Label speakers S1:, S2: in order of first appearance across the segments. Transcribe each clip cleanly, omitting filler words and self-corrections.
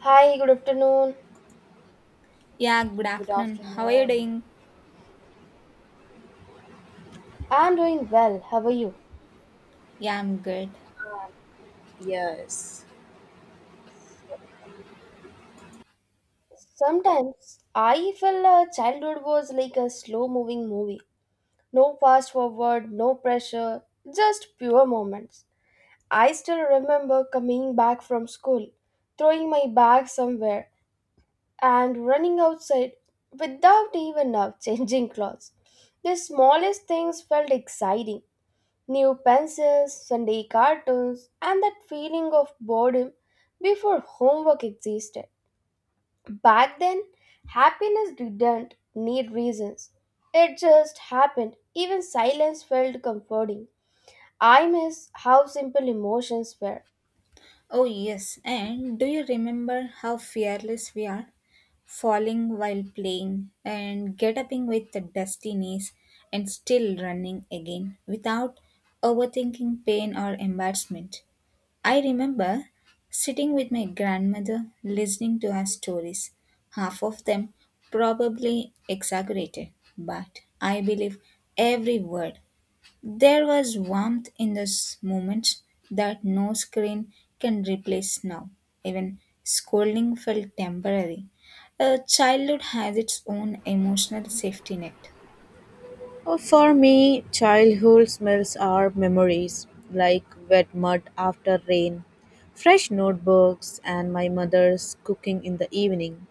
S1: Hi, good afternoon.
S2: Yeah, good
S3: Good
S2: afternoon. How are you
S3: afternoon.
S2: doing?
S1: I'm doing well. How are you?
S2: Yeah, I'm good.
S3: Yes.
S1: Sometimes I feel childhood was like a slow moving movie. No fast forward, no pressure, just pure moments. I still remember coming back from school, throwing my bag somewhere, and running outside without even now changing clothes. The smallest things felt exciting. New pencils, Sunday cartoons, and that feeling of boredom before homework existed. Back then, happiness didn't need reasons. It just happened. Even silence felt comforting. I miss how simple emotions were.
S2: Oh, yes. And do you remember how fearless we are? Falling while playing and get upping with the dusty knees and still running again without overthinking pain or embarrassment. I remember sitting with my grandmother listening to her stories. Half of them probably exaggerated, but I believe every word. There was warmth in those moments that no screen can replace now. Even scolding felt temporary. A childhood has its own emotional safety net.
S3: For me, childhood smells are memories like wet mud after rain, fresh notebooks, and my mother's cooking in the evening.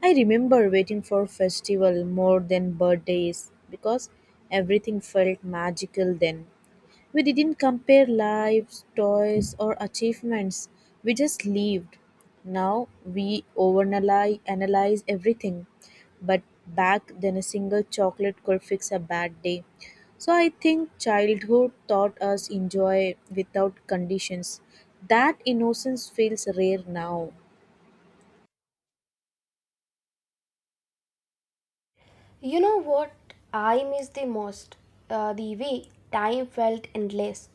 S3: I remember waiting for festival more than birthdays because everything felt magical then. We didn't compare lives, toys, or achievements. We just lived. Now we overanalyze analyze everything. But back then, a single chocolate could fix a bad day. So I think childhood taught us enjoy without conditions. That innocence feels rare now.
S1: You know what I miss the most? The way time felt endless.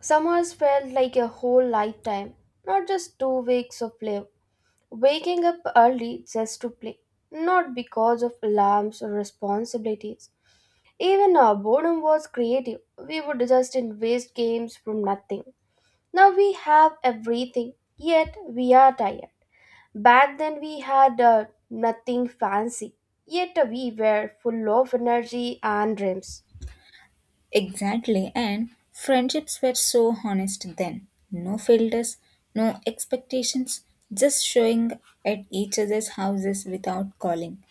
S1: Summers felt like a whole lifetime, not just 2 weeks of life. Waking up early just to play, not because of alarms or responsibilities. Even our boredom was creative. We would just invest games from nothing. Now we have everything, yet we are tired. Back then we had nothing fancy, yet we were full of energy and dreams.
S2: Exactly, and friendships were so honest then. No filters, no expectations, just showing at each other's houses without calling.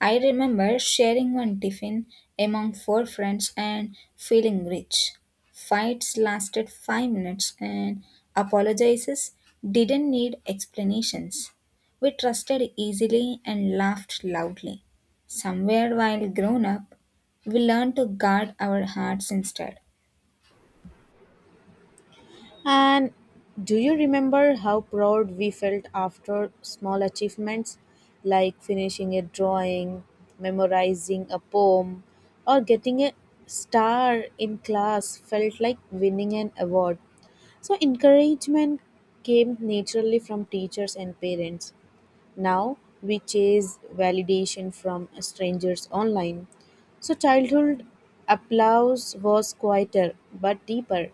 S2: I remember sharing one tiffin among four friends and feeling rich. Fights lasted 5 minutes and apologizes didn't need explanations. We trusted easily and laughed loudly. Somewhere while grown up, we learned to guard our hearts instead.
S3: And do you remember how proud we felt after small achievements like finishing a drawing, memorizing a poem, or getting a star in class felt like winning an award? So, encouragement came naturally from teachers and parents. Now we chase validation from strangers online. So, childhood applause was quieter but deeper.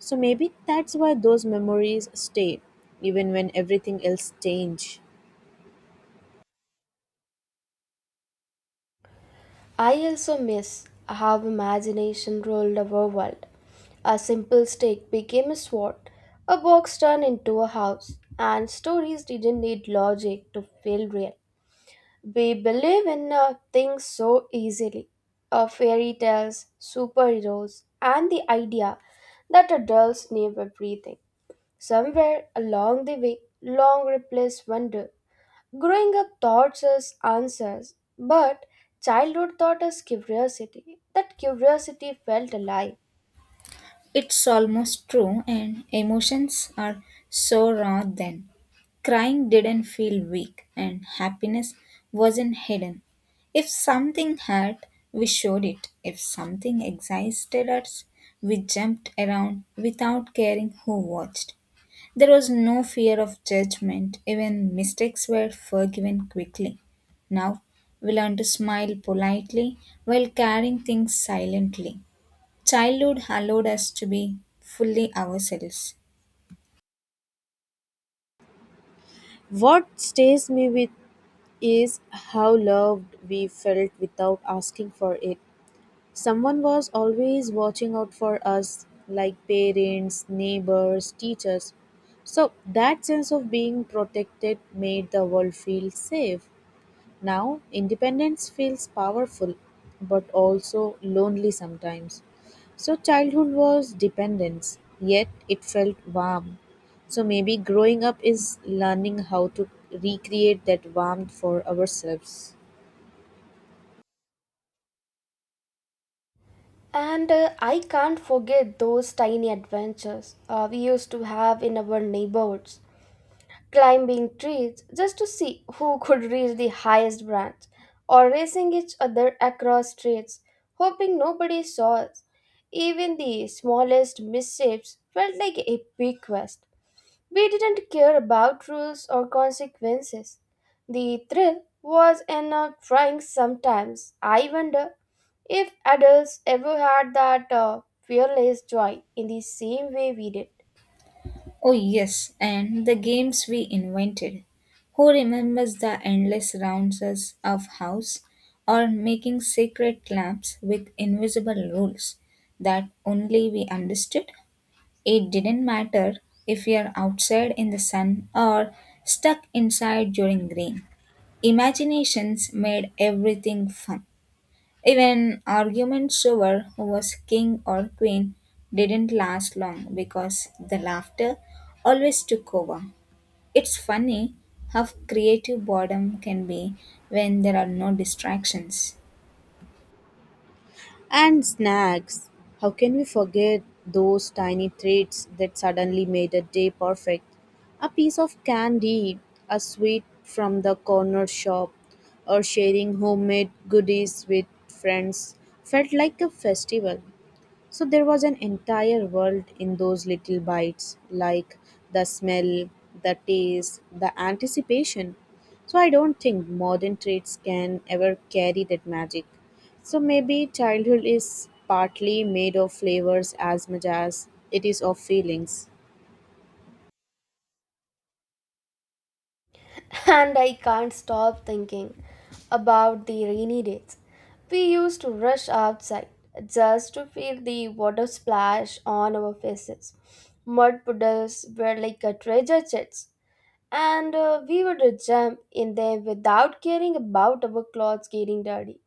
S3: So, maybe that's why those memories stay, even when everything else changes.
S1: I also miss how imagination ruled our world. A simple stick became a sword, a box turned into a house, and stories didn't need logic to feel real. We believe in things so easily, fairy tales, superheroes, and the idea that adults knew everything. Somewhere along the way, long replaced wonder. Growing up taught us answers, but childhood taught us curiosity. That curiosity felt alive.
S2: It's almost true, and emotions are so raw then. Crying didn't feel weak, and happiness wasn't hidden. If something hurt, we showed it. If something excited us, we jumped around without caring who watched. There was no fear of judgment, even mistakes were forgiven quickly. Now, we learn to smile politely while carrying things silently. Childhood allowed us to be fully ourselves.
S3: What stays me with is how loved we felt without asking for it. Someone was always watching out for us, like parents, neighbors, teachers. So that sense of being protected made the world feel safe. Now, independence feels powerful, but also lonely sometimes. So, childhood was dependence, yet it felt warm. So, maybe growing up is learning how to recreate that warmth for ourselves.
S1: And I can't forget those tiny adventures we used to have in our neighborhoods, climbing trees just to see who could reach the highest branch, or racing each other across streets, hoping nobody saw us. Even the smallest missteps felt like a big quest. We didn't care about rules or consequences. The thrill was in trying sometimes. I wonder if adults ever had that fearless joy in the same way we did.
S2: Oh, yes, and the games we invented. Who remembers the endless rounds of house or making sacred clubs with invisible rules that only we understood? It didn't matter if we are outside in the sun or stuck inside during rain. Imaginations made everything fun. Even arguments over who was king or queen didn't last long because the laughter always took over. It's funny how creative boredom can be when there are no distractions.
S3: And snacks. How can we forget those tiny treats that suddenly made a day perfect? A piece of candy, a sweet from the corner shop, or sharing homemade goodies with friends felt like a festival. So there was an entire world in those little bites, like the smell, the taste, the anticipation. So I don't think modern traits can ever carry that magic. So maybe childhood is partly made of flavors as much as it is of feelings.
S1: And I can't stop thinking about the rainy days. We used to rush outside just to feel the water splash on our faces. Mud puddles were like a treasure chests, and we would jump in there without caring about our clothes getting dirty.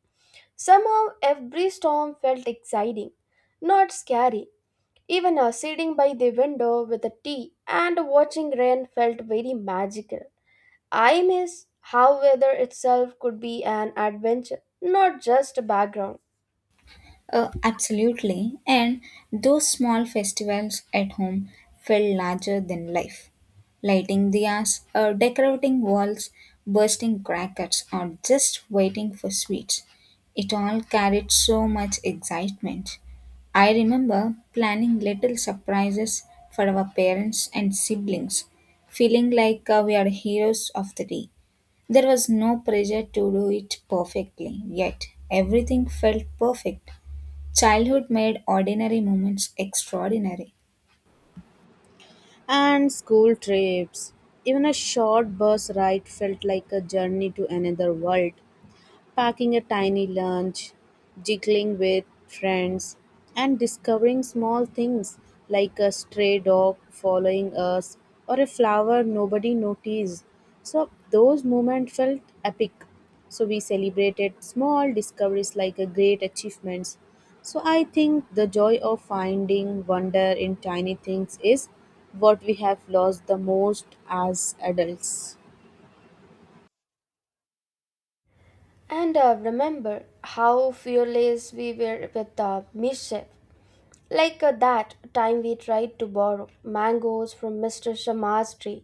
S1: Somehow, every storm felt exciting, not scary. Even sitting by the window with a tea and watching rain felt very magical. I miss how weather itself could be an adventure, not just a background.
S2: Absolutely. And those small festivals at home felt larger than life. Lighting diyas, decorating walls, bursting crackers, or just waiting for sweets. It all carried so much excitement. I remember planning little surprises for our parents and siblings, feeling like we are heroes of the day. There was no pressure to do it perfectly, yet everything felt perfect. Childhood made ordinary moments extraordinary.
S3: And school trips, even a short bus ride felt like a journey to another world. Packing a tiny lunch, jiggling with friends, and discovering small things like a stray dog following us or a flower nobody noticed. So, those moments felt epic. So, we celebrated small discoveries like a great achievements. So, I think the joy of finding wonder in tiny things is what we have lost the most as adults.
S1: And remember how fearless we were with mischief. Like that time we tried to borrow mangoes from Mr. Sharma's tree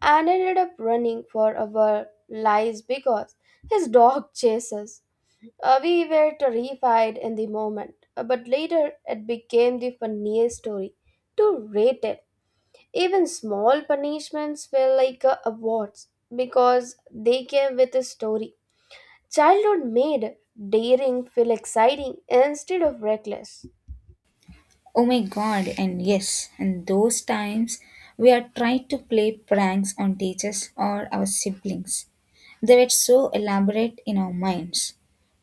S1: and ended up running for our lives because his dog chased us. We were terrified in the moment, but later it became the funniest story to rate it. Even small punishments felt like awards because they came with a story. Childhood made daring feel exciting instead of reckless.
S2: Oh my god, and yes, and those times we are trying to play pranks on teachers or our siblings. They were so elaborate in our minds.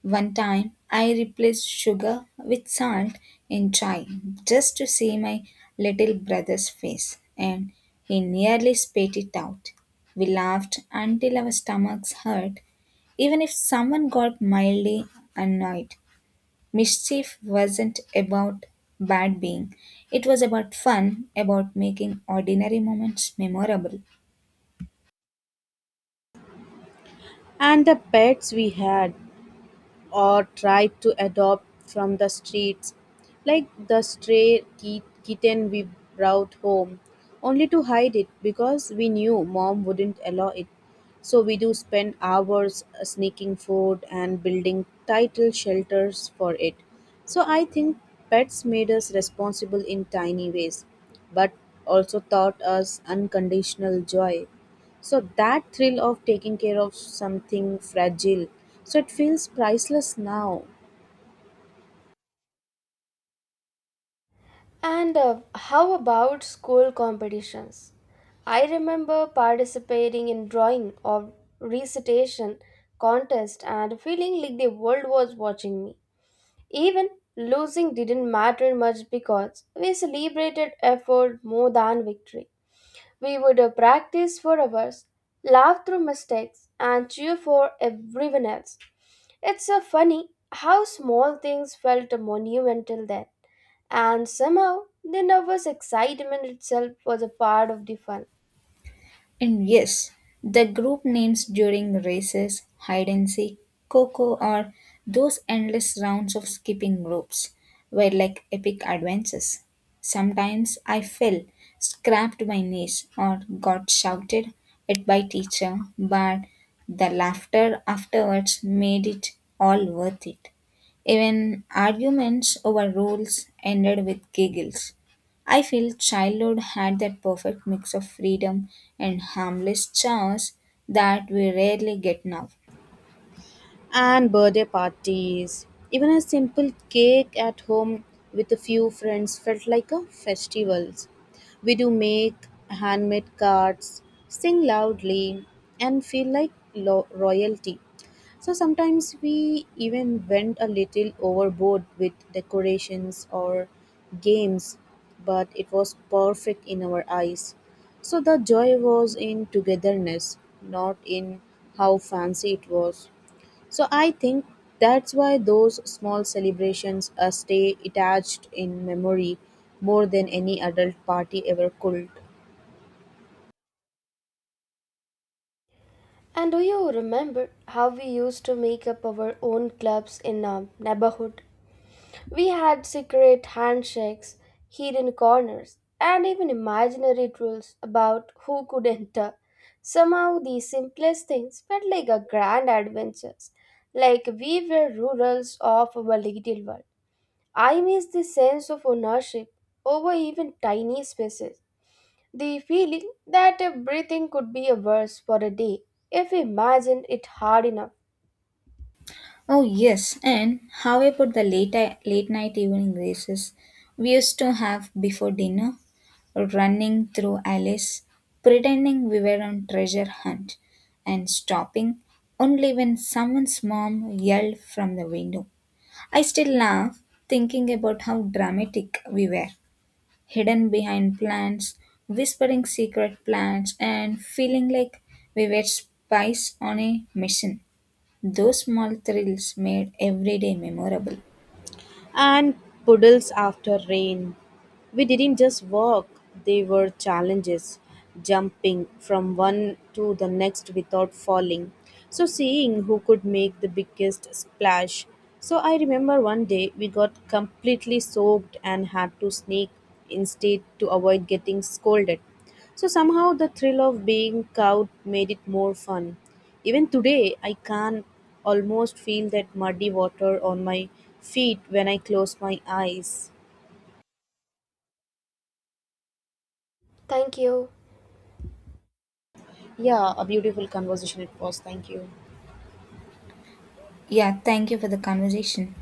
S2: One time, I replaced sugar with salt in chai just to see my little brother's face, and he nearly spat it out. We laughed until our stomachs hurt, even if someone got mildly annoyed. Mischief wasn't about bad being, it was about fun, about making ordinary moments memorable.
S3: And the pets we had, or tried to adopt from the streets, like the stray kitten we brought home, only to hide it because we knew mom wouldn't allow it. So we do spend hours sneaking food and building title shelters for it. So I think pets made us responsible in tiny ways, but also taught us unconditional joy. So that thrill of taking care of something fragile, so it feels priceless now.
S1: And how about school competitions? I remember participating in drawing or recitation contest and feeling like the world was watching me. Even losing didn't matter much because we celebrated effort more than victory. We would practice for hours, laugh through mistakes, and cheer for everyone else. It's so funny how small things felt monumental then, and somehow the nervous excitement itself was a part of the fun.
S2: And yes, the group names during races, hide and seek, coco, or those endless rounds of skipping ropes were like epic adventures. Sometimes I fell, scraped my knees, or got shouted at by teacher, but the laughter afterwards made it all worth it. Even arguments over rules ended with giggles. I feel childhood had that perfect mix of freedom and harmless chaos that we rarely get now.
S3: And birthday parties. Even a simple cake at home with a few friends felt like a festival. We do make handmade cards, sing loudly, and feel like royalty. So sometimes we even went a little overboard with decorations or games, but it was perfect in our eyes. So the joy was in togetherness, not in how fancy it was. So I think that's why those small celebrations stay attached in memory more than any adult party ever could.
S1: And do you remember how we used to make up our own clubs in our neighborhood? We had secret handshakes, hidden corners, and even imaginary rules about who could enter. Somehow, the simplest things felt like a grand adventures, like we were rulers of our little world. I miss the sense of ownership over even tiny spaces. The feeling that everything could be ours for a day if we imagined it hard enough.
S2: Oh yes, and how about the late night evening races we used to have before dinner, running through alleys, pretending we were on treasure hunt, and stopping only when someone's mom yelled from the window. I still laugh thinking about how dramatic we were, hidden behind plants, whispering secret plans, and feeling like we were spies on a mission. Those small thrills made every day memorable.
S3: And puddles after rain. We didn't just walk, they were challenges, jumping from one to the next without falling. So seeing who could make the biggest splash. So I remember one day we got completely soaked and had to sneak instead to avoid getting scolded. So somehow the thrill of being caught made it more fun. Even today, I can almost feel that muddy water on my feet when I close my eyes.
S1: Thank you.
S3: Yeah, a beautiful conversation it was. Thank you.
S2: Yeah, thank you for the conversation.